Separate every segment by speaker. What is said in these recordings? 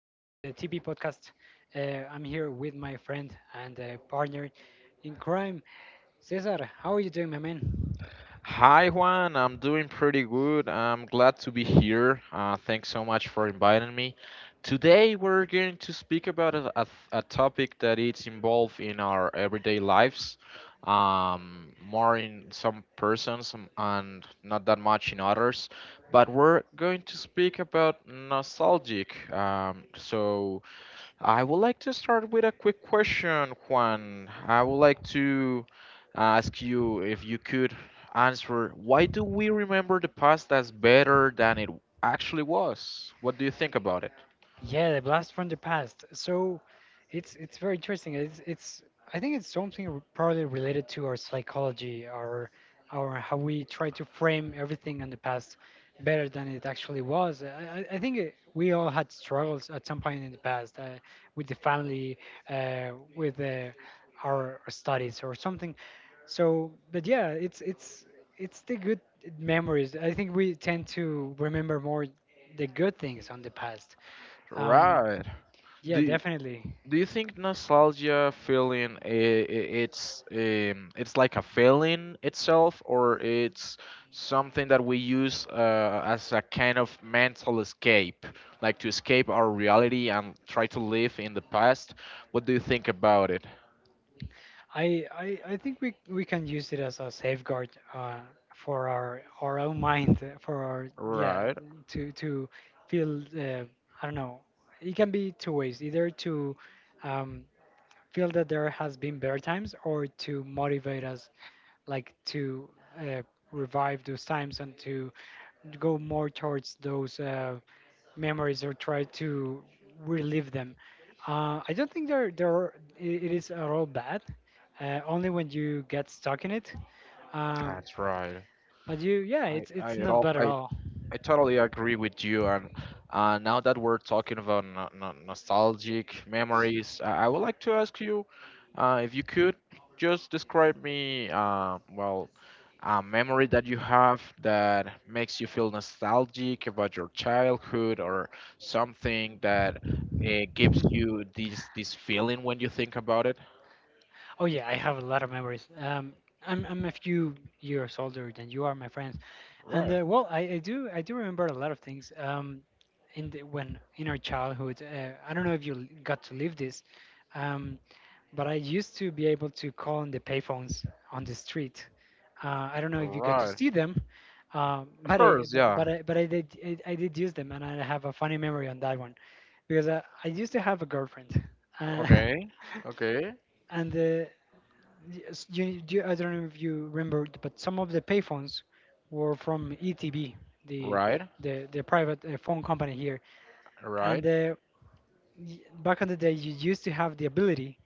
Speaker 1: on the TP podcast. I'm here with my friend and partner in crime, Cesar. How are you doing, my man?
Speaker 2: Hi Juan, I'm doing pretty good. I'm glad to be here. Thanks so much for inviting me. Today we're going to speak about a topic that is involved in our everyday lives, more in some persons, and not that much in others. But we're going to speak about nostalgic. So I would like to start with a quick question, Juan. I would like to ask you if you could answer, why do we remember the past as better than it actually was? What do you think about it?
Speaker 1: Yeah, the blast from the past. So it's very interesting. It's I think it's something probably related to our psychology, our how we try to frame everything in the past better than it actually was. I think we all had struggles at some point in the past with the family, with our studies or something. So, but yeah, it's the good memories. I think we tend to remember more the good things on the past um,
Speaker 2: Right. Do
Speaker 1: yeah,
Speaker 2: you-
Speaker 1: definitely.
Speaker 2: Do you think nostalgia feeling, it's it's like a feeling itself, or it's something that we use as a kind of mental escape, like to escape our reality and try to live in the past? What do you think about it?
Speaker 1: I think we can use it as a safeguard for our own mind, for our yeah,
Speaker 2: Right,
Speaker 1: to feel I don't know. It can be two ways: either to um, feel that there has been better times, or to motivate us, like to uh, revive those times and to go more towards those. Memories or try to relive them. I don't think they're, it is at all bad, only when you get stuck in it. Um,
Speaker 2: that's right.
Speaker 1: but you, yeah,
Speaker 2: I
Speaker 1: it's
Speaker 2: it
Speaker 1: not
Speaker 2: all
Speaker 1: bad at all.
Speaker 2: I totally agree with you. And now that we're talking about no no nostalgic memories, I would like to ask you if you could just describe me, well, a memory that you have that makes you feel nostalgic about your childhood or something that gives you this feeling when you think about it.
Speaker 1: Oh, yeah, I have a lot of memories. I'm a few years older than you are, my friends. And
Speaker 2: Right,
Speaker 1: well, I do remember a lot of things. In the, when in our childhood, I don't know if you got to live this. Um, but I used to be able to call on the payphones on the street. I don't know if you got to
Speaker 2: right.
Speaker 1: see them,
Speaker 2: Of course, yeah.
Speaker 1: but I did use them, and I have a funny memory on that one because I used to have a girlfriend, uh,
Speaker 2: Okay, okay.
Speaker 1: and yes, you I don't know if you remember, but some of the payphones were from ETB, the
Speaker 2: Right,
Speaker 1: the private phone company here,
Speaker 2: right.
Speaker 1: and back in the day you used to have the ability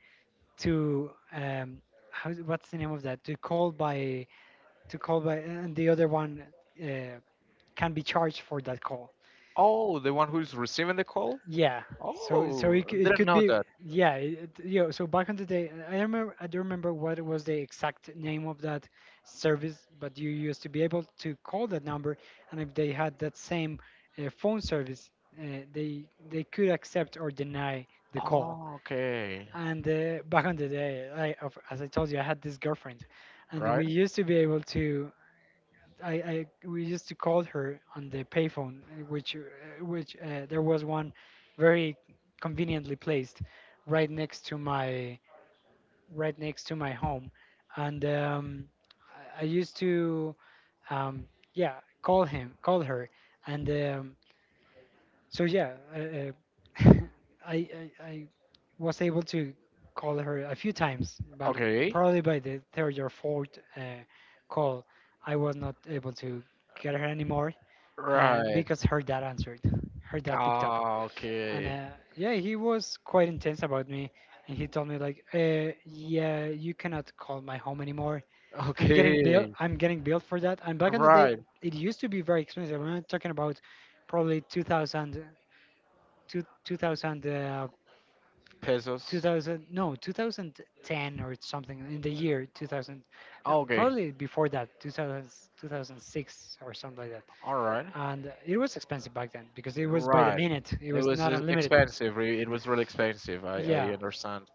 Speaker 1: to how, what's the name of that to call by and the other one uh, can be charged for that call
Speaker 2: Oh, the one who's receiving the call?
Speaker 1: yeah. So so
Speaker 2: Oh,
Speaker 1: it, c- it
Speaker 2: didn't
Speaker 1: could
Speaker 2: know
Speaker 1: be
Speaker 2: that.
Speaker 1: yeah it, you know, so back on the day, I don't remember what was the exact name of that service, but you used to be able to call that number, and if they had that same phone service they could accept or deny the call.
Speaker 2: Oh, okay.
Speaker 1: And back on the day, as I told you, I had this girlfriend, and
Speaker 2: Right?
Speaker 1: we used to be able to. I We used to call her on the payphone, which there was one very conveniently placed right next to my right next to my home, and I used to um, yeah call her, and so yeah, uh, I was able to call her a few times, but
Speaker 2: Okay.
Speaker 1: probably by the third or fourth call, I was not able to get her anymore
Speaker 2: Right.
Speaker 1: because her dad answered. Her dad picked
Speaker 2: Ah,
Speaker 1: and
Speaker 2: okay.
Speaker 1: yeah, he was quite intense about me, and he told me like, yeah, you cannot call my home anymore.
Speaker 2: Okay.
Speaker 1: I'm getting billed for that. And back in the day,
Speaker 2: Right.
Speaker 1: it used to be very expensive. I'm not talking about probably 2000 two, 2000,
Speaker 2: Pesos.
Speaker 1: 2000, no, 2010 or something in the year 2000, no,
Speaker 2: Okay.
Speaker 1: probably before that, 2006 or something like that.
Speaker 2: All right.
Speaker 1: And it was expensive back then because it was by the
Speaker 2: Right.
Speaker 1: minute, it
Speaker 2: It
Speaker 1: was
Speaker 2: was
Speaker 1: not unlimited.
Speaker 2: expensive. It was really expensive. I
Speaker 1: Yeah,
Speaker 2: understand.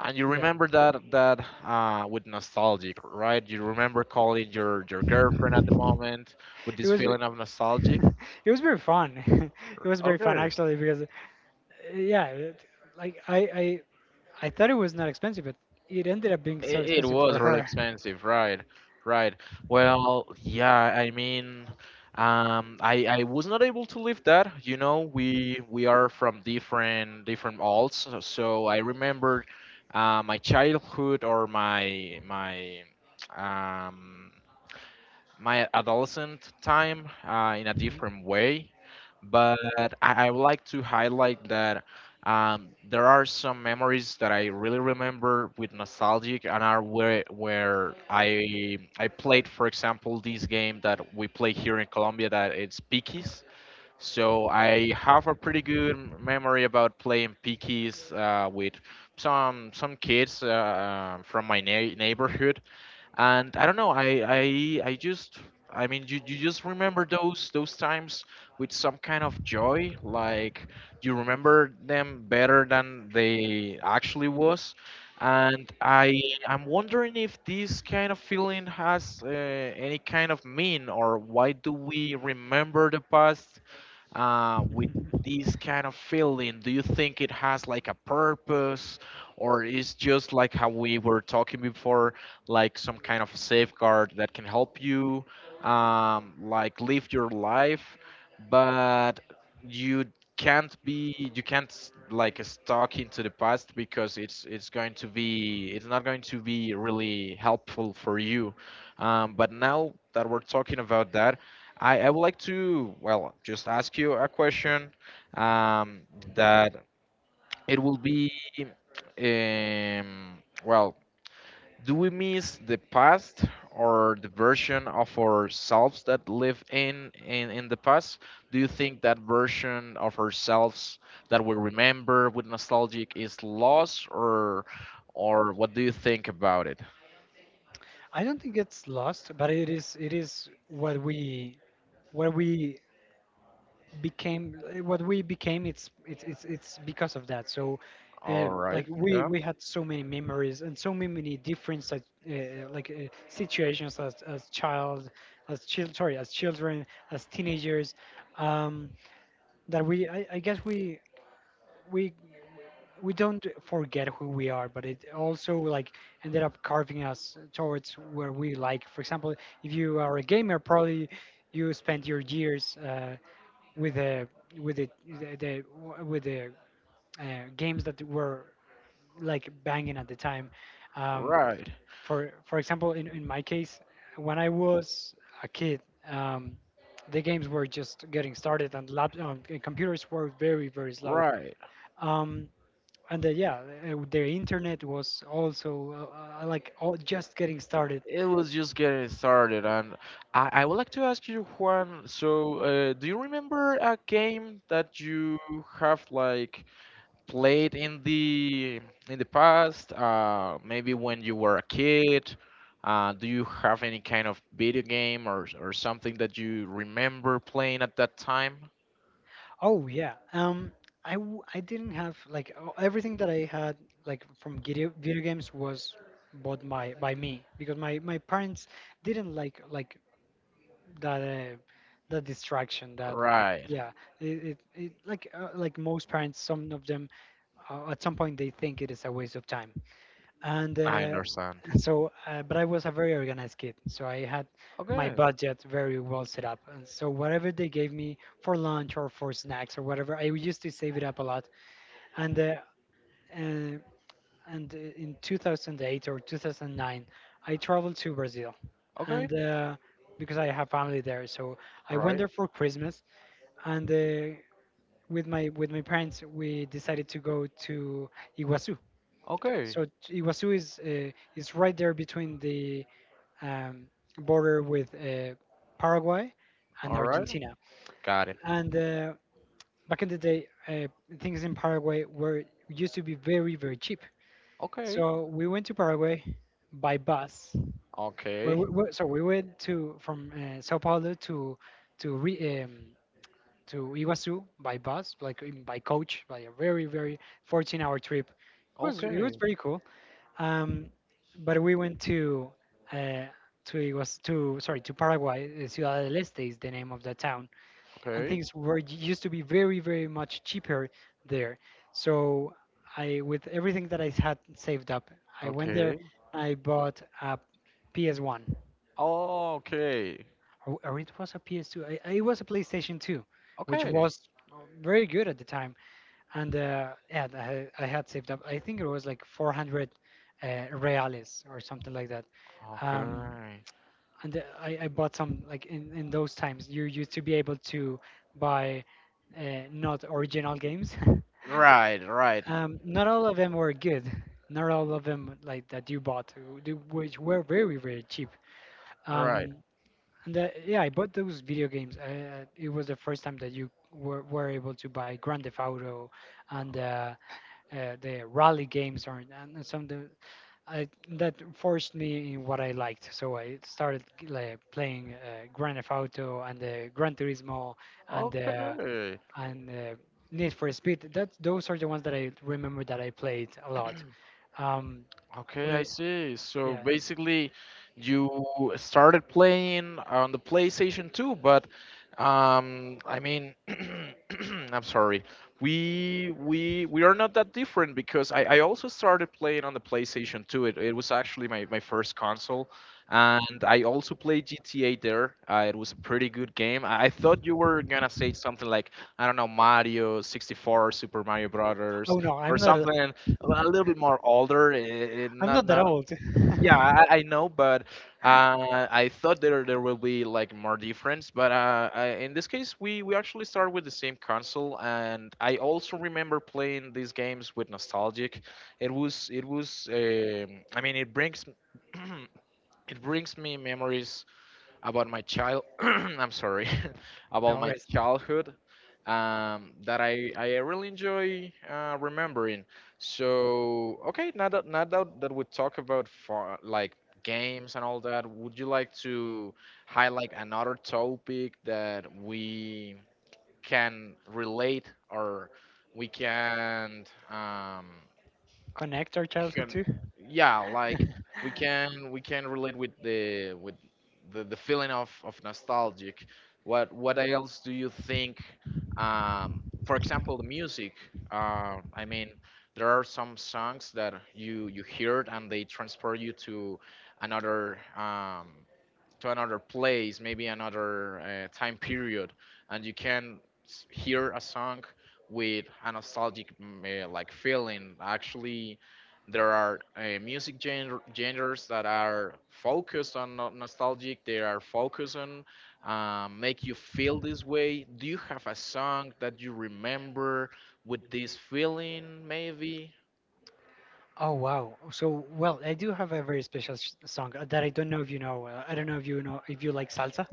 Speaker 2: And you
Speaker 1: yeah.
Speaker 2: remember that with nostalgic, right? You remember calling your girlfriend at the moment with
Speaker 1: It
Speaker 2: this
Speaker 1: was re-
Speaker 2: feeling of nostalgic.
Speaker 1: it was very fun. It was very fun
Speaker 2: Okay.
Speaker 1: actually because yeah, it, like I thought it was not expensive, but it ended up being so
Speaker 2: It
Speaker 1: expensive for
Speaker 2: was really
Speaker 1: her.
Speaker 2: expensive, right? Right. Well, yeah, I mean, I was not able to live that. You know, we are from different alts, so I remember my childhood or my um my adolescent time in a
Speaker 1: Mhm.
Speaker 2: different way, but I would like to highlight that there are some memories that I really remember with nostalgic, and are where I played, for example, this game that we play here in Colombia that it's Pikis. So I have a pretty good memory about playing Pikis with some kids from my neighborhood, and I don't know, I mean, you just remember those times with some kind of joy, like you remember them better than they actually was. And I'm wondering if this kind of feeling has any kind of mean, or why do we remember the past with this kind of feeling? Do you think it has like a purpose, or is just like how we were talking before, like some kind of safeguard that can help you, like live your life, but you can't be, you can't s- like stuck into the past, because it's going to be, it's not going to be really helpful for you. But now that we're talking about that, I would like to, well, just ask you a question, um, that it will be, um, well, do we miss the past, or the version of ourselves that live in the past? Do you think that version of ourselves that we remember with nostalgic is lost, or what do you think about it?
Speaker 1: I don't think it's lost, but it is what we became what we became, it's because of that. So
Speaker 2: All right.
Speaker 1: like
Speaker 2: Yeah.
Speaker 1: we had so many memories and so many different such, situations as child sorry, as children, as teenagers, um, that I guess we we don't forget who we are, but it also like ended up carving us towards where we like. For example, if you are a gamer, probably you spent your years with the with the, the, the with the games that were like banging at the time. Um,
Speaker 2: Right.
Speaker 1: for example, in my case, when I was a kid, um, the games were just getting started, and lap computers were very very slow.
Speaker 2: Right.
Speaker 1: Um, and yeah their internet was also like all just getting started.
Speaker 2: It was just getting started, and I would like to ask you, Juan. So, do you remember a game that you have like played in the past? Maybe when you were a kid. Do you have any kind of video game or something that you remember playing at that time?
Speaker 1: Oh yeah, um, I didn't have like everything that I had like from video games was bought by me because my parents didn't like that that distraction that
Speaker 2: Right,
Speaker 1: yeah it like most parents, some of them at some point they think it is a waste of time, and
Speaker 2: I understand.
Speaker 1: so but I was a very organized kid, so I had my
Speaker 2: Okay,
Speaker 1: budget very well set up, and so whatever they gave me for lunch or for snacks or whatever, I used to save it up a lot, and uh, uh, and in 2008 or 2009 I traveled to Brazil,
Speaker 2: okay,
Speaker 1: and because I have family there, so I went
Speaker 2: right,
Speaker 1: there for Christmas. And with my parents, we decided to go to Iguazu.
Speaker 2: okay,
Speaker 1: So Iguazu is right there between the um, border with Paraguay and
Speaker 2: all right,
Speaker 1: Argentina.
Speaker 2: got it.
Speaker 1: And back in the day, things in Paraguay were used to be very very cheap.
Speaker 2: Okay,
Speaker 1: So we went to Paraguay by bus.
Speaker 2: okay.
Speaker 1: We- so we went to From Sao Paulo to to re, um, to Iguazu by bus, like by coach, by a very very 14-hour hour trip. It was
Speaker 2: Okay.
Speaker 1: very cool. Um, but we went uh, to it was to sorry, to Paraguay. Uh, Ciudad del Este is the name of the town, and
Speaker 2: Okay.
Speaker 1: things were used to be very very much cheaper there. So I, with everything that I had saved up, I went there.
Speaker 2: Okay.
Speaker 1: I bought a PS1,
Speaker 2: Oh. Okay.
Speaker 1: or it was a PS2. It was a PlayStation 2, which
Speaker 2: Okay.
Speaker 1: was very good at the time. And yeah, I had saved up. I think it was like 400 reales or something like that. Um,
Speaker 2: Okay.
Speaker 1: and I bought some like in those times you used to be able to buy uh, not original games.
Speaker 2: Right, right.
Speaker 1: Um, not all of them were good. Not all of them like that you bought, which were very very cheap. Right.
Speaker 2: Right.
Speaker 1: And yeah, I bought those video games. It was the first time that were able to buy Grand Theft Auto, and the rally games or and some of I, that forced me in what I liked. So I started like playing Grand Theft Auto and Gran Turismo and uh,
Speaker 2: Okay.
Speaker 1: and Need for Speed. That Those are the ones that I remember that I played a lot. Um, but
Speaker 2: Okay,
Speaker 1: I,
Speaker 2: I see. So
Speaker 1: yeah.
Speaker 2: basically, you started playing on the PlayStation 2, but, I mean, I'm sorry. We are not that different, because I also started playing on the PlayStation 2. It was actually my first console, and I also played GTA there. It was a pretty good game. I thought you were gonna say something like, I don't know, Mario 64, Super Mario Brothers,
Speaker 1: Oh no,
Speaker 2: or
Speaker 1: I'm not.
Speaker 2: something a little bit more older. Eh, eh,
Speaker 1: I'm
Speaker 2: not
Speaker 1: not that
Speaker 2: not.
Speaker 1: old.
Speaker 2: Yeah, I know, but I thought there there will be like more difference. But I, in this case, we actually start with the same console, and I also remember playing these games with nostalgic. It was it was. I mean, it brings it brings me memories about my child I'm sorry about
Speaker 1: No
Speaker 2: my
Speaker 1: worries.
Speaker 2: childhood, that I really enjoy remembering. So okay, now that that we talk about far, like games and all that, would you like to highlight another topic that we can relate, or we can, um,
Speaker 1: Connect our childhood
Speaker 2: can,
Speaker 1: too.
Speaker 2: yeah, like we can relate with the with the feeling of nostalgic? What else do you think? Um, for example, the music. Um, I mean, there are some songs that you heard, and they transport you to another, um, to another place, maybe another time period, and you can hear a song with a nostalgic, mm, like feeling. Actually, there are music genres that are focused on nostalgic. They are focused on make you feel this way. Do you have a song that you remember with this feeling? Maybe.
Speaker 1: Oh wow. So well, I do have a very special s song that I don't know if you know. I don't know if you like salsa.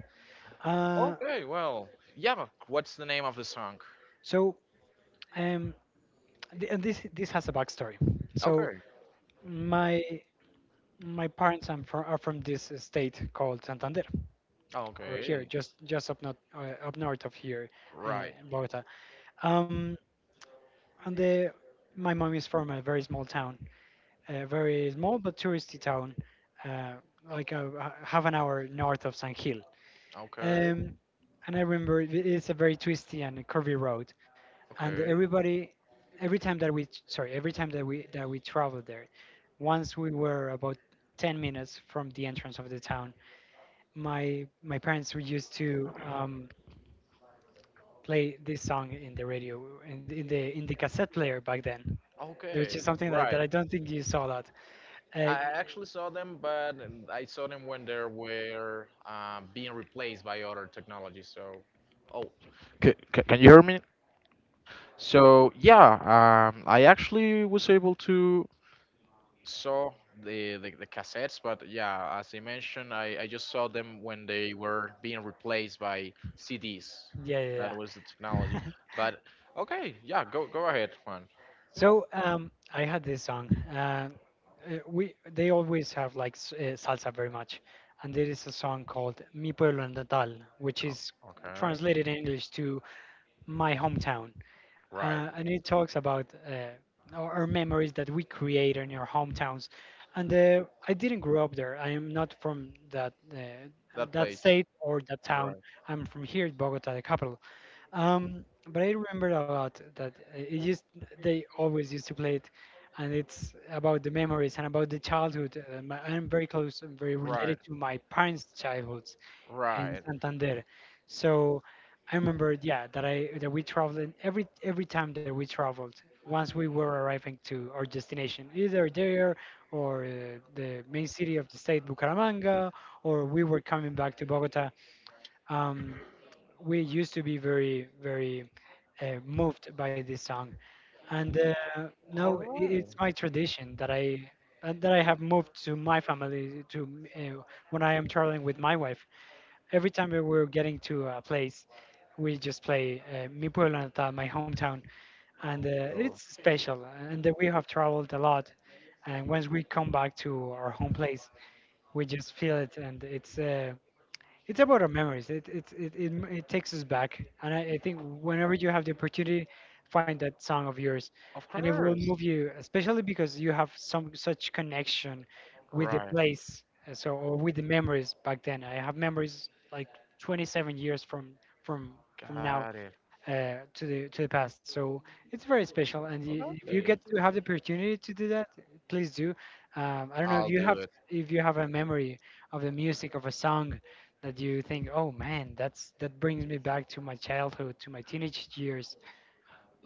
Speaker 1: Uh,
Speaker 2: Okay. Well, yeah. What's the name of the song?
Speaker 1: so um, th and this has a backstory. So
Speaker 2: Okay.
Speaker 1: my my parents are are from this state called Santander, over here,
Speaker 2: Okay.
Speaker 1: just up north of here,
Speaker 2: Right.
Speaker 1: Bogota. Um, and the my mom is from a very small town, a very small but touristy town, uh, like a, half an hour north of San Gil.
Speaker 2: Okay.
Speaker 1: Um, and I remember it's a very twisty and curvy road, and
Speaker 2: Okay.
Speaker 1: everybody, every time that we sorry, every time that we traveled there, once we were about 10 minutes from the entrance of the town, my parents were used to play this song in the radio in the cassette player back then, which
Speaker 2: Okay.
Speaker 1: is something that
Speaker 2: Right.
Speaker 1: I don't think you saw a lot. Uh,
Speaker 2: I actually saw them, but I saw them when they were being replaced by other technology. So, oh, can you hear me? So yeah, I actually was able to saw the cassettes, but yeah, as I mentioned, I just saw them when they were being replaced by CDs.
Speaker 1: yeah,
Speaker 2: That
Speaker 1: yeah,
Speaker 2: was the technology.
Speaker 1: yeah.
Speaker 2: But okay, yeah, go go ahead, Juan.
Speaker 1: So I had this song. We they always have like salsa very much, and there is a song called "Mi Pueblo Natal," which is
Speaker 2: Okay.
Speaker 1: translated in English to my hometown,
Speaker 2: Right.
Speaker 1: and it talks about our memories that we create in our hometowns. And I didn't grow up there. I am not from that
Speaker 2: That
Speaker 1: that
Speaker 2: place.
Speaker 1: state or that town.
Speaker 2: Right,
Speaker 1: I'm from here, Bogota, the capital. But I remember a lot that it used they always used to play it, and it's about the memories and about the childhood. I'm very close and very related
Speaker 2: right,
Speaker 1: to my parents' childhood in
Speaker 2: right.
Speaker 1: Santander. So I remember, yeah, that I that we traveled and every time that we traveled. Once we were arriving to our destination, either there or the main city of the state, Bucaramanga, or we were coming back to Bogota. Um, we used to be very, very moved by this song, and
Speaker 2: All right.
Speaker 1: it's my tradition that I and that I have moved to my family to uh, when I am traveling with my wife every time we were getting to a place, we just play Mi Pueblo Natal, my hometown, and it's
Speaker 2: So,
Speaker 1: special. And that we have traveled a lot, and once we come back to our home place, we just feel it, and it's about our memories. It takes us back, and I think whenever you have the opportunity, find that song of yours,
Speaker 2: of
Speaker 1: and it will
Speaker 2: course.
Speaker 1: move you, especially because you have some such connection with the
Speaker 2: Right.
Speaker 1: place, or with the memories back then. I have memories like 27 years from from now,
Speaker 2: Got it.
Speaker 1: to the past. So it's very special, and y if you get
Speaker 2: Okay.
Speaker 1: to have the opportunity to do that, please do. I don't know if
Speaker 2: I'll
Speaker 1: you
Speaker 2: do
Speaker 1: have
Speaker 2: it.
Speaker 1: a memory of the music of a song that you think, oh man, that brings me back to my childhood, to my teenage years.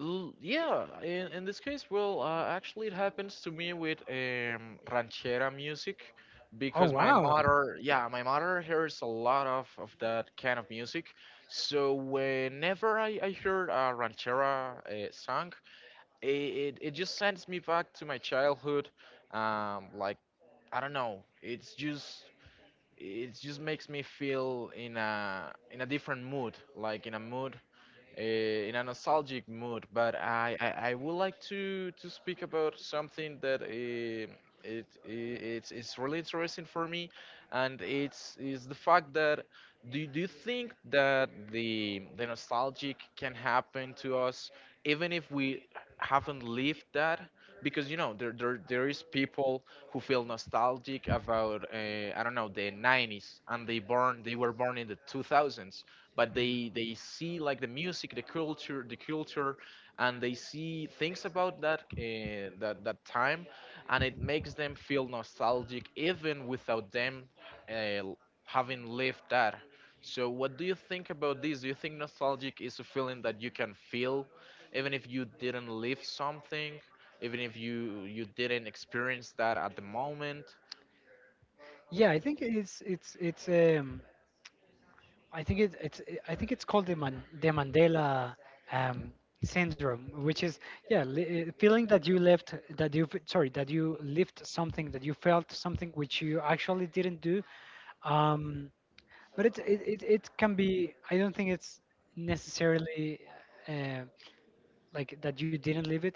Speaker 2: Yeah. In this case, well, actually, it happens to me with ranchera music,
Speaker 1: Oh
Speaker 2: because my
Speaker 1: wow.
Speaker 2: mother, yeah, my mother hears a lot of that kind of music. So whenever I hear a ranchera song, it, it, it just sends me back to my childhood. Like I don't know. It just makes me feel in a different mood, like in a mood in a nostalgic mood. But I I would like to speak about something that it, I it's really interesting for me, and it's is the fact that, do you think that the nostalgic can happen to us even if we haven't lived that? Because you know there is people who feel nostalgic about, I don't know, the 90s, and they were born in the 2000s, but they see like the music, the culture, and they see things about that that time, and it makes them feel nostalgic even without them, uh, l- having lived that. So what do you think about this? Do you think nostalgic is a feeling that you can feel even if you didn't live something, even if you didn't experience that at the moment?
Speaker 1: Yeah, I think it's it's I think it's called the Mandela um, syndrome, which is yeah, feeling sorry that you lived something that you felt something which you actually didn't do. Um, but it can be. I don't think it's necessarily. Uh, like that you didn't live it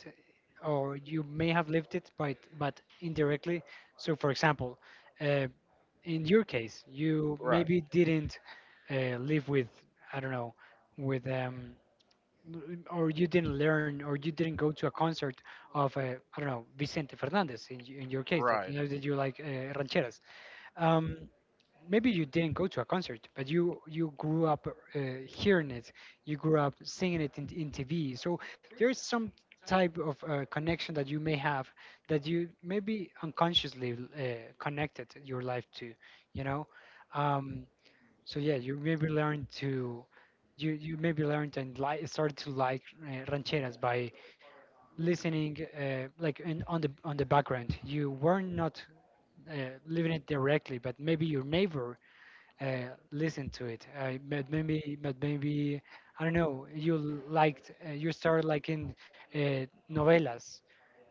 Speaker 1: or you may have lived it but indirectly. So for example uh, in your case you
Speaker 2: Right,
Speaker 1: maybe didn't live with I don't know with or you didn't learn or you didn't go to a concert of I don't know, Vicente Fernandez in your case,
Speaker 2: right,
Speaker 1: that you like rancheras. Um, Maybe you didn't go to a concert, but you grew up uh, hearing it, you grew up singing it in TV. So there is some type of connection that you may have that you maybe unconsciously connected your life to, you know. Um, so yeah, you maybe learned and like started to like rancheras by listening like on the background. You were not living it directly, but maybe your neighbor listened to it. But maybe I don't know. You liked you started liking novelas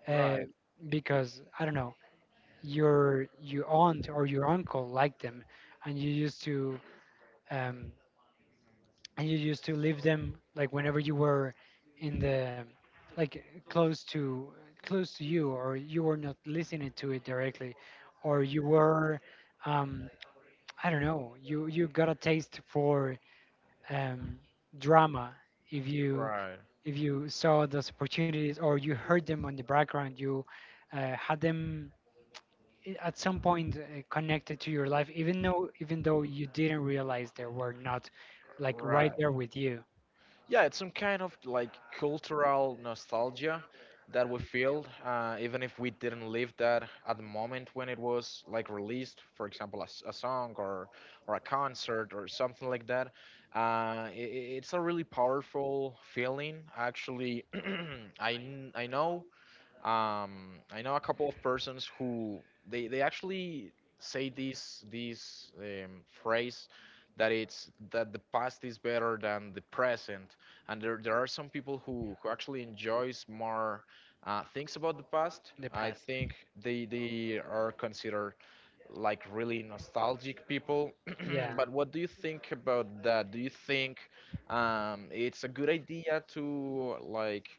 Speaker 1: uh,
Speaker 2: right,
Speaker 1: because I don't know, your aunt or your uncle liked them, and you used to. Um, and you used to leave them like whenever you were in the like close to you, or you were not listening to it directly, or you were um, I don't know, you got a taste for um, drama. If you
Speaker 2: right,
Speaker 1: saw those opportunities or you heard them on the background, you had them at some point connected to your life, even though you didn't realize they were not like right
Speaker 2: right.
Speaker 1: there with you
Speaker 2: Yeah, it's some kind of like cultural nostalgia that we feel even if we didn't live that at the moment when it was like released, for example, a song or a concert or something like that. It's a really powerful feeling actually. I know, I know a couple of persons who they actually say this this, phrase that it's, that the past is better than the present, and there are some people who actually enjoys more things about the past.
Speaker 1: in the
Speaker 2: I
Speaker 1: past.
Speaker 2: think they are considered like really nostalgic people.
Speaker 1: Yeah,
Speaker 2: But what do you think about that? Do you think, it's a good idea to like,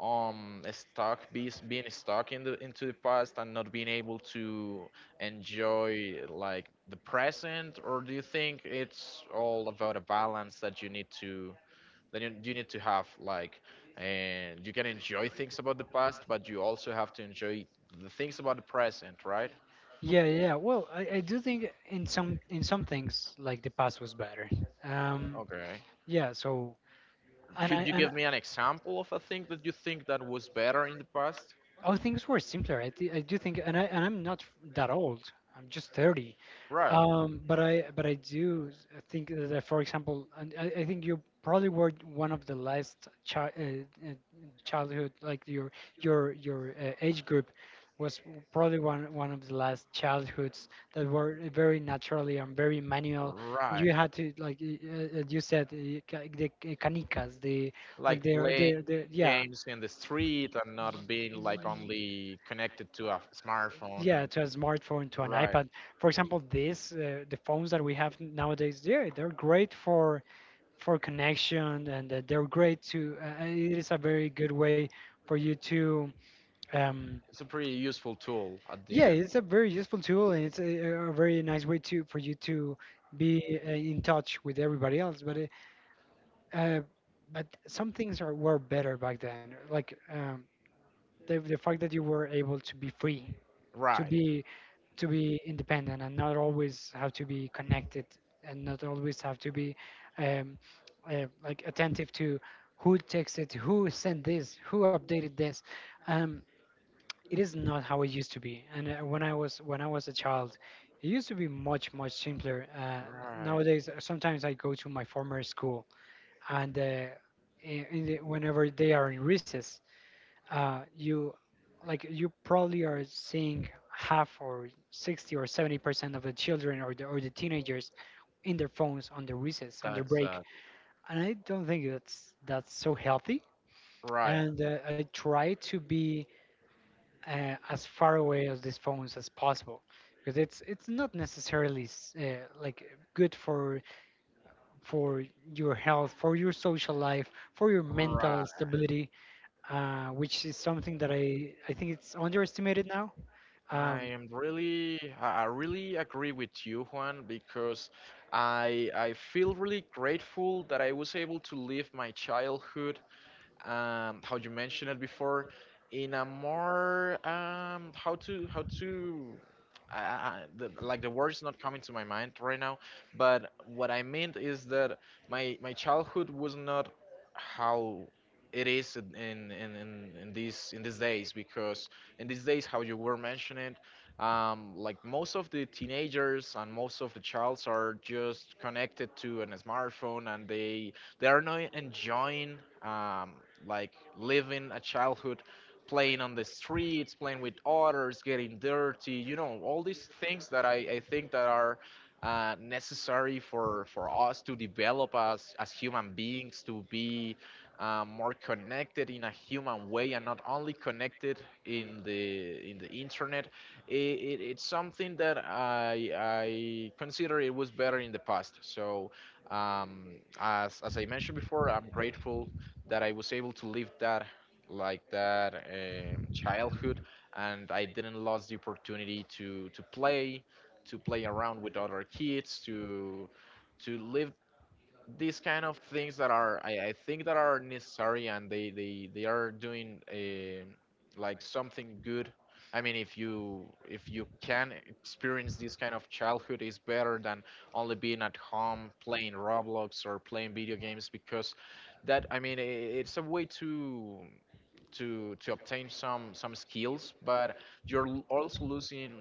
Speaker 2: stuck, being stuck in the into the past and not being able to enjoy like the present, or do you think it's all about a balance that you need to, that you need to have like, and you can enjoy things about the past, but you also have to enjoy the things about the present, right?
Speaker 1: yeah, yeah. Well, I do think in some things like the past was better. Um,
Speaker 2: Okay.
Speaker 1: yeah. So and
Speaker 2: Could
Speaker 1: I
Speaker 2: you
Speaker 1: and I-
Speaker 2: give me an example of a thing that you think that was better in the past?
Speaker 1: oh, things were simpler. I do think, and I'm not f- that old. I'm just 30.
Speaker 2: Right,
Speaker 1: But I do think that, for example, and I think you probably were one of the last uh, childhood, like your age group probably one of the last childhoods that were very naturally and very manual. You
Speaker 2: right.
Speaker 1: had to like you said canicas, the like
Speaker 2: Like playing
Speaker 1: their yeah.
Speaker 2: games in the street and not being like only connected to a smartphone,
Speaker 1: Yeah,
Speaker 2: and
Speaker 1: to a smartphone, to an
Speaker 2: right.
Speaker 1: iPad. For example, this the phones that we have nowadays, yeah, they're great for connection and they're great to it is a very good way for you to um
Speaker 2: It's a pretty useful tool at the
Speaker 1: yeah,
Speaker 2: end.
Speaker 1: it's a very useful tool, and it's a very nice way to for you to be in touch with everybody else, uh, but some things are were better back then, like the fact that you were able to be free, to
Speaker 2: Right,
Speaker 1: be to be independent, and not always have to be connected, and not always have to be um, like attentive to who texted, who sent this, who updated this. um, it is not how it used to be, and when I was a child, it used to be much much simpler.
Speaker 2: right.
Speaker 1: Nowadays sometimes I go to my former school, and whenever they are in recess, you like you probably are seeing half or 60 or 70% of the children or the teenagers in their phones on their recess on their
Speaker 2: That's
Speaker 1: break, and I don't think that's so healthy.
Speaker 2: right,
Speaker 1: And I try to be as far away as these phones as possible, because it's not necessarily like good for your health, for your social life, for your mental
Speaker 2: right.
Speaker 1: stability, which is something that I think it's underestimated now.
Speaker 2: And I
Speaker 1: Um,
Speaker 2: am really, I really agree with you, Juan, because I feel really grateful that I was able to live my childhood how you mentioned it before, in a more how to I, the, like the word's not coming to my mind right now, but what I meant is that my childhood was not how it is in these days because in these days how you were mentioning like most of the teenagers and most of the childs are just connected to an smartphone and they are not enjoying like living a childhood, playing on the streets, playing with others, getting dirty. You know, all these things that I think that are necessary for us to develop as human beings to be more connected in a human way and not only connected in the internet. It's something that I consider it was better in the past. So um, as I mentioned before, I'm grateful that I was able to live that, like that childhood, and I didn't lose the opportunity to play around with other kids, to live these kind of things that are I think that are necessary and they are doing like something good. I mean, if you can experience this kind of childhood is better than only being at home playing roblox or playing video games, because that, I mean, I it's a way to obtain some skills, but you're also losing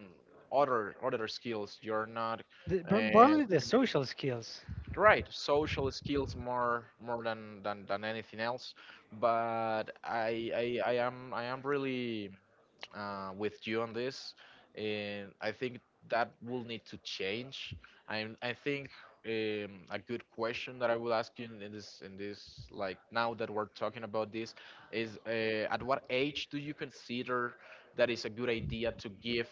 Speaker 2: other skills you're not.
Speaker 1: the,
Speaker 2: uh,
Speaker 1: primarily the social skills.
Speaker 2: right, social skills more than anything else. But I am really with you on this, and I think that will need to change. I think a good question that I will ask you in this like now that we're talking about this is at what age do you consider that is a good idea to give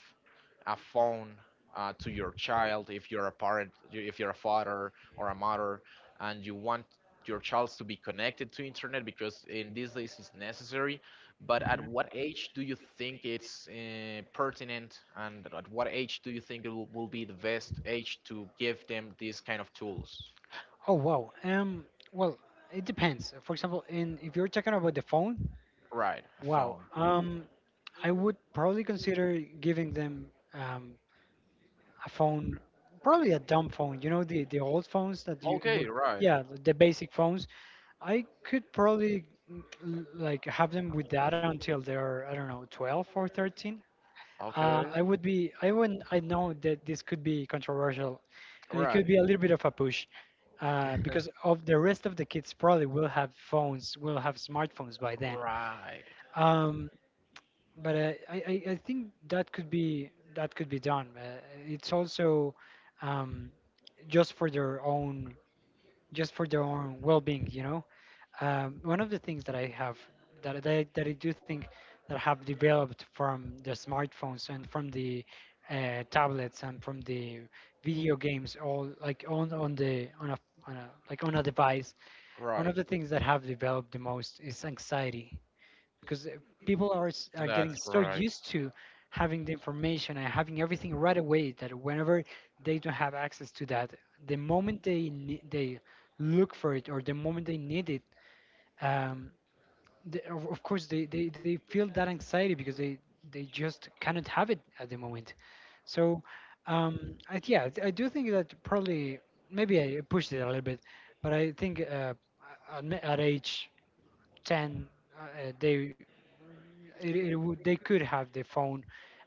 Speaker 2: a phone to your child, if you're a parent, if you're a father or a mother, and you want your child to be connected to internet because in these days it's necessary. But at
Speaker 1: Mhm.
Speaker 2: what age do you think it's pertinent, and at what age do you think it will be the best age to give them these kind of tools?
Speaker 1: Oh wow. Well, it depends. For example, in if you're talking about the phone,
Speaker 2: Right, a
Speaker 1: wow,
Speaker 2: phone.
Speaker 1: I would probably consider giving them um, a phone, probably a dumb phone. You know, the old phones that
Speaker 2: Okay, right.
Speaker 1: yeah, the basic phones. I could probably like have them with that until they're I don't know, 12 or 13.
Speaker 2: Okay,
Speaker 1: I wouldn't, I know that this could be controversial, and it could
Speaker 2: right,
Speaker 1: be a little bit of a push because of the rest of the kids probably will have phones, will have smartphones by then.
Speaker 2: right,
Speaker 1: Um, but uh, I, I think that could be done. It's also um, just for their own just for their own well-being, you know. One of the things that I have that, I- that, I- that I do think that have developed from the smartphones and from the tablets and from the video games, all like on a like on a device, one of
Speaker 2: right.
Speaker 1: the things that have developed the most is anxiety, because people are are getting
Speaker 2: That's
Speaker 1: so
Speaker 2: right.
Speaker 1: used to having the information and having everything right away, that whenever they don't have access to that, the moment they look for it or the moment they need it, um, the of course they feel that anxiety because they just cannot have it at the moment. So yeah, I do think that probably maybe I pushed it a little bit, but I think at age 10 uh, they it, it would they could have their phone,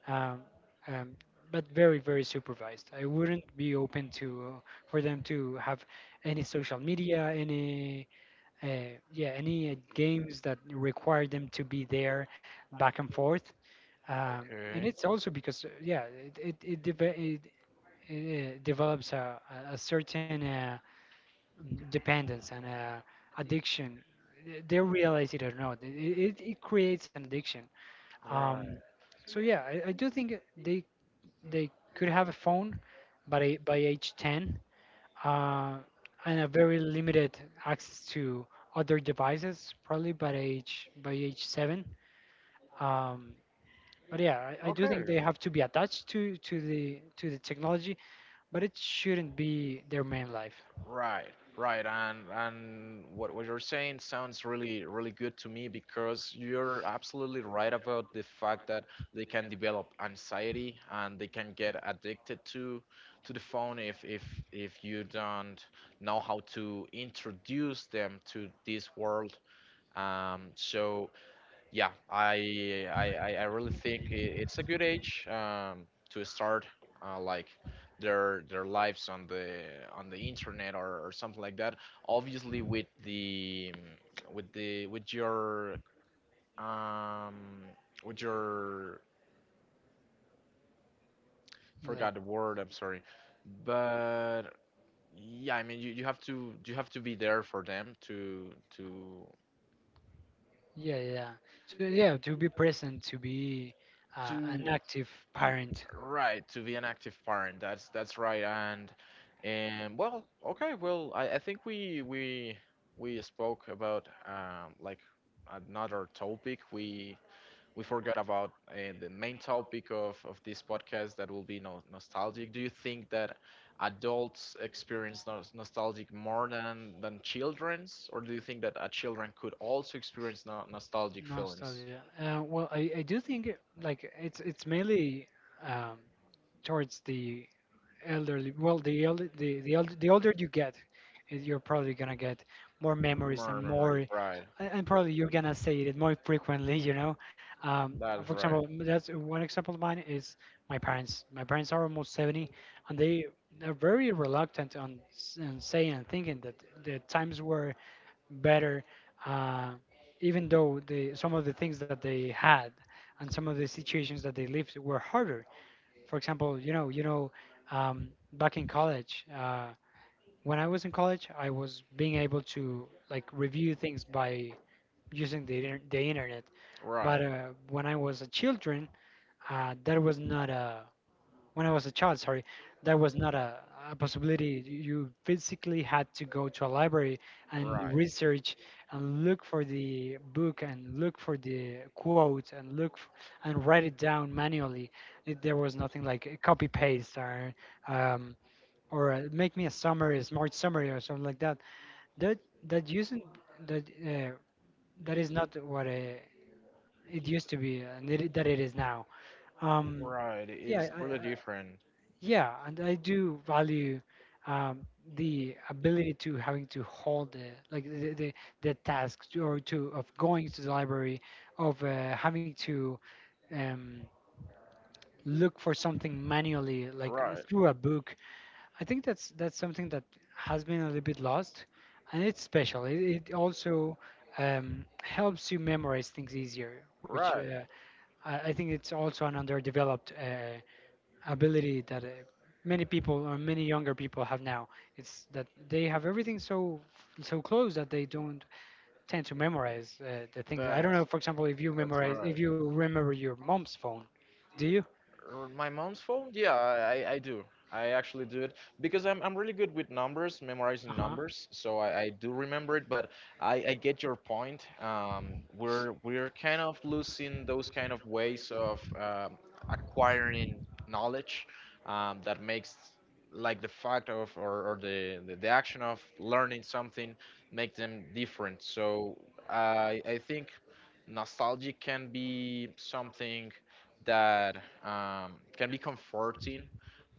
Speaker 1: um, um, but very very supervised. I wouldn't be open to for them to have any social media, any yeah, any games that require them to be there back and forth. And
Speaker 2: Okay,
Speaker 1: it's also because yeah, develops a a certain dependence and addiction. Eh, they realize it or not, it creates an addiction. um,
Speaker 2: right,
Speaker 1: so yeah, I do think they could have a phone by by age 10, uh, and a very limited access to other devices probably by age 7. um, but yeah, I do think they have to be attached to to the technology, but it shouldn't be their main life.
Speaker 2: right, right, and what you're saying sounds really really good to me, because you're absolutely right about the fact that they can develop anxiety and they can get addicted to the phone if if you don't know how to introduce them to this world. So yeah, I really think it's a good age to start like their lives on the internet, or something like that. Obviously, with the with the with your um with your,
Speaker 1: Like
Speaker 2: forgot the word. I'm sorry, but yeah, I mean, you, you have to be there for them to to
Speaker 1: Yeah, yeah, yeah. So yeah, to be present, to be
Speaker 2: to
Speaker 1: an active parent.
Speaker 2: right, to be an active parent. That's right. And well, okay, well, I think we spoke about like another topic. We forgot about the main topic of this podcast, that will be no, nostalgic. Do you think that adults experience nos nostalgic more than children's, or do you think that a children could also experience no nostalgic feelings?
Speaker 1: Nostalgia. Well, I do think like it's mainly um, towards the elderly. Well, the the older you get, you're probably gonna get more memories
Speaker 2: More
Speaker 1: and more,
Speaker 2: memories, right.
Speaker 1: and probably you're gonna say it more frequently. Um, for
Speaker 2: That's
Speaker 1: example,
Speaker 2: right.
Speaker 1: that's one example of mine is my parents. My parents are almost 70, and they're very reluctant on, on saying and thinking that the times were better, uh, even though some of the things that they had and some of the situations that they lived were harder. For example, back in college, when I was in college, I was being able to like review things by using the internet. But
Speaker 2: Right.
Speaker 1: when I was a children, that was not a when I was a child, sorry, that was not a possibility. You physically had to go to a library and
Speaker 2: Right,
Speaker 1: research and look for the book and look for the quote and write it down manually. There was nothing like a copy paste or um, make me a summary, a smart summary or something like that. That that using that that is not what it used to be that it is now. Um,
Speaker 2: right.
Speaker 1: yeah,
Speaker 2: It's really different.
Speaker 1: yeah, and I do value um, the ability to having to hold the like the task to, or to of going to the library, of having to um, look for something manually, like
Speaker 2: Right,
Speaker 1: through a book. I think that's something that has been a little bit lost, and it's special. It also helps you memorize things easier, which
Speaker 2: right.
Speaker 1: I think it's also an underdeveloped ability that many people or many younger people have now. It's that they have everything so so close that they don't tend to memorize the things. I don't
Speaker 2: That's
Speaker 1: know, for example, if you
Speaker 2: that's
Speaker 1: memorize
Speaker 2: right.
Speaker 1: if you remember your mom's phone, do you?
Speaker 2: Or my mom's phone? Yeah, I do. I actually do it because I'm really good with numbers,
Speaker 1: Uh
Speaker 2: memorizing
Speaker 1: huh.
Speaker 2: numbers. So I do remember it, but I get your point. We're kind of losing those kind of ways of acquiring knowledge, that makes like the fact of, or the action of learning something, make them different. So I think nostalgia can be something that can be comforting,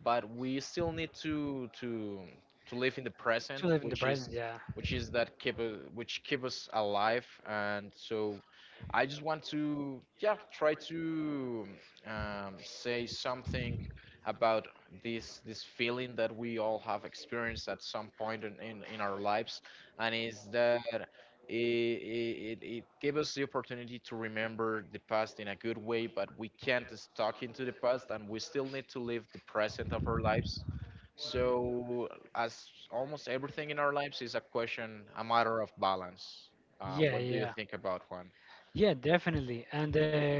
Speaker 2: but we still need to to live in the
Speaker 1: To
Speaker 2: present,
Speaker 1: live in the present, yeah,
Speaker 2: which is that keep which keep us alive. And so, I just want to yeah try to say something about this this feeling that we all have experienced at some point in our lives. And is that it gave us the opportunity to remember the past in a good way, but we can't stuck into the past and we still need to live the present of our lives. So, as almost everything in our lives is a question, a matter of balance.
Speaker 1: yeah,
Speaker 2: What do you
Speaker 1: yeah,
Speaker 2: think about Juan?
Speaker 1: yeah, definitely. And uh,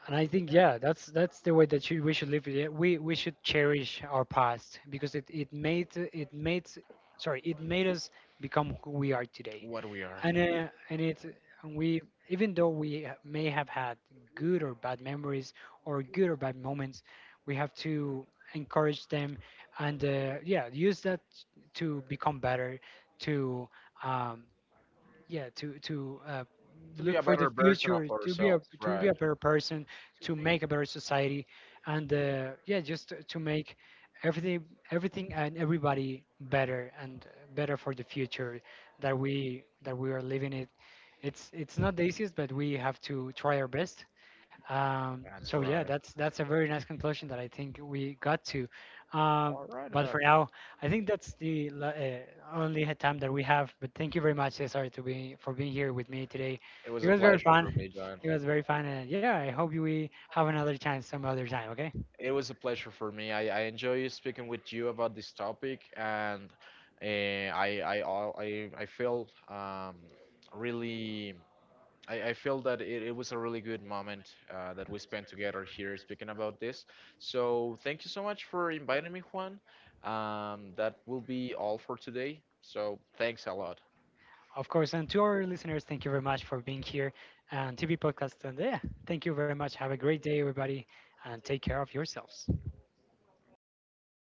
Speaker 1: And I think yeah, that's the way that should, we should live with it. Yeah, we should cherish our past because it made us become who we are today.
Speaker 2: What we are?
Speaker 1: And it and we even though we may have had good or bad memories or good or bad moments, we have to encourage them and yeah, use that to become better to um, yeah to to uh,
Speaker 2: To be a
Speaker 1: look for
Speaker 2: better
Speaker 1: the
Speaker 2: version of
Speaker 1: future to be
Speaker 2: ourselves,
Speaker 1: a
Speaker 2: right?
Speaker 1: better person, to make a better society, and yeah, just to make everything, everything and everybody better, and better for the future that we are living it. It's not the easiest, but we have to try our best.
Speaker 2: That's
Speaker 1: So yeah,
Speaker 2: right.
Speaker 1: that's a very nice conclusion that I think we got to. Um,
Speaker 2: All right,
Speaker 1: but
Speaker 2: Juan.
Speaker 1: for now, I think that's the only time that we have. But thank you very much, Cesar, to be for being here with me today.
Speaker 2: It was
Speaker 1: It
Speaker 2: a
Speaker 1: was very
Speaker 2: pleasure for me,
Speaker 1: fun.
Speaker 2: John.
Speaker 1: It was very fun, and yeah, I hope we have another chance some other time. Okay,
Speaker 2: It was a pleasure for me. I enjoy speaking with you about this topic, and I feel really, I feel that it was a really good moment that we spent together here speaking about this. So thank you so much for inviting me, Juan. That will be all for today. So thanks a lot.
Speaker 1: of course. And to our listeners, thank you very much for being here and TV podcast. And yeah, thank you very much. Have a great day, everybody, and take care of yourselves.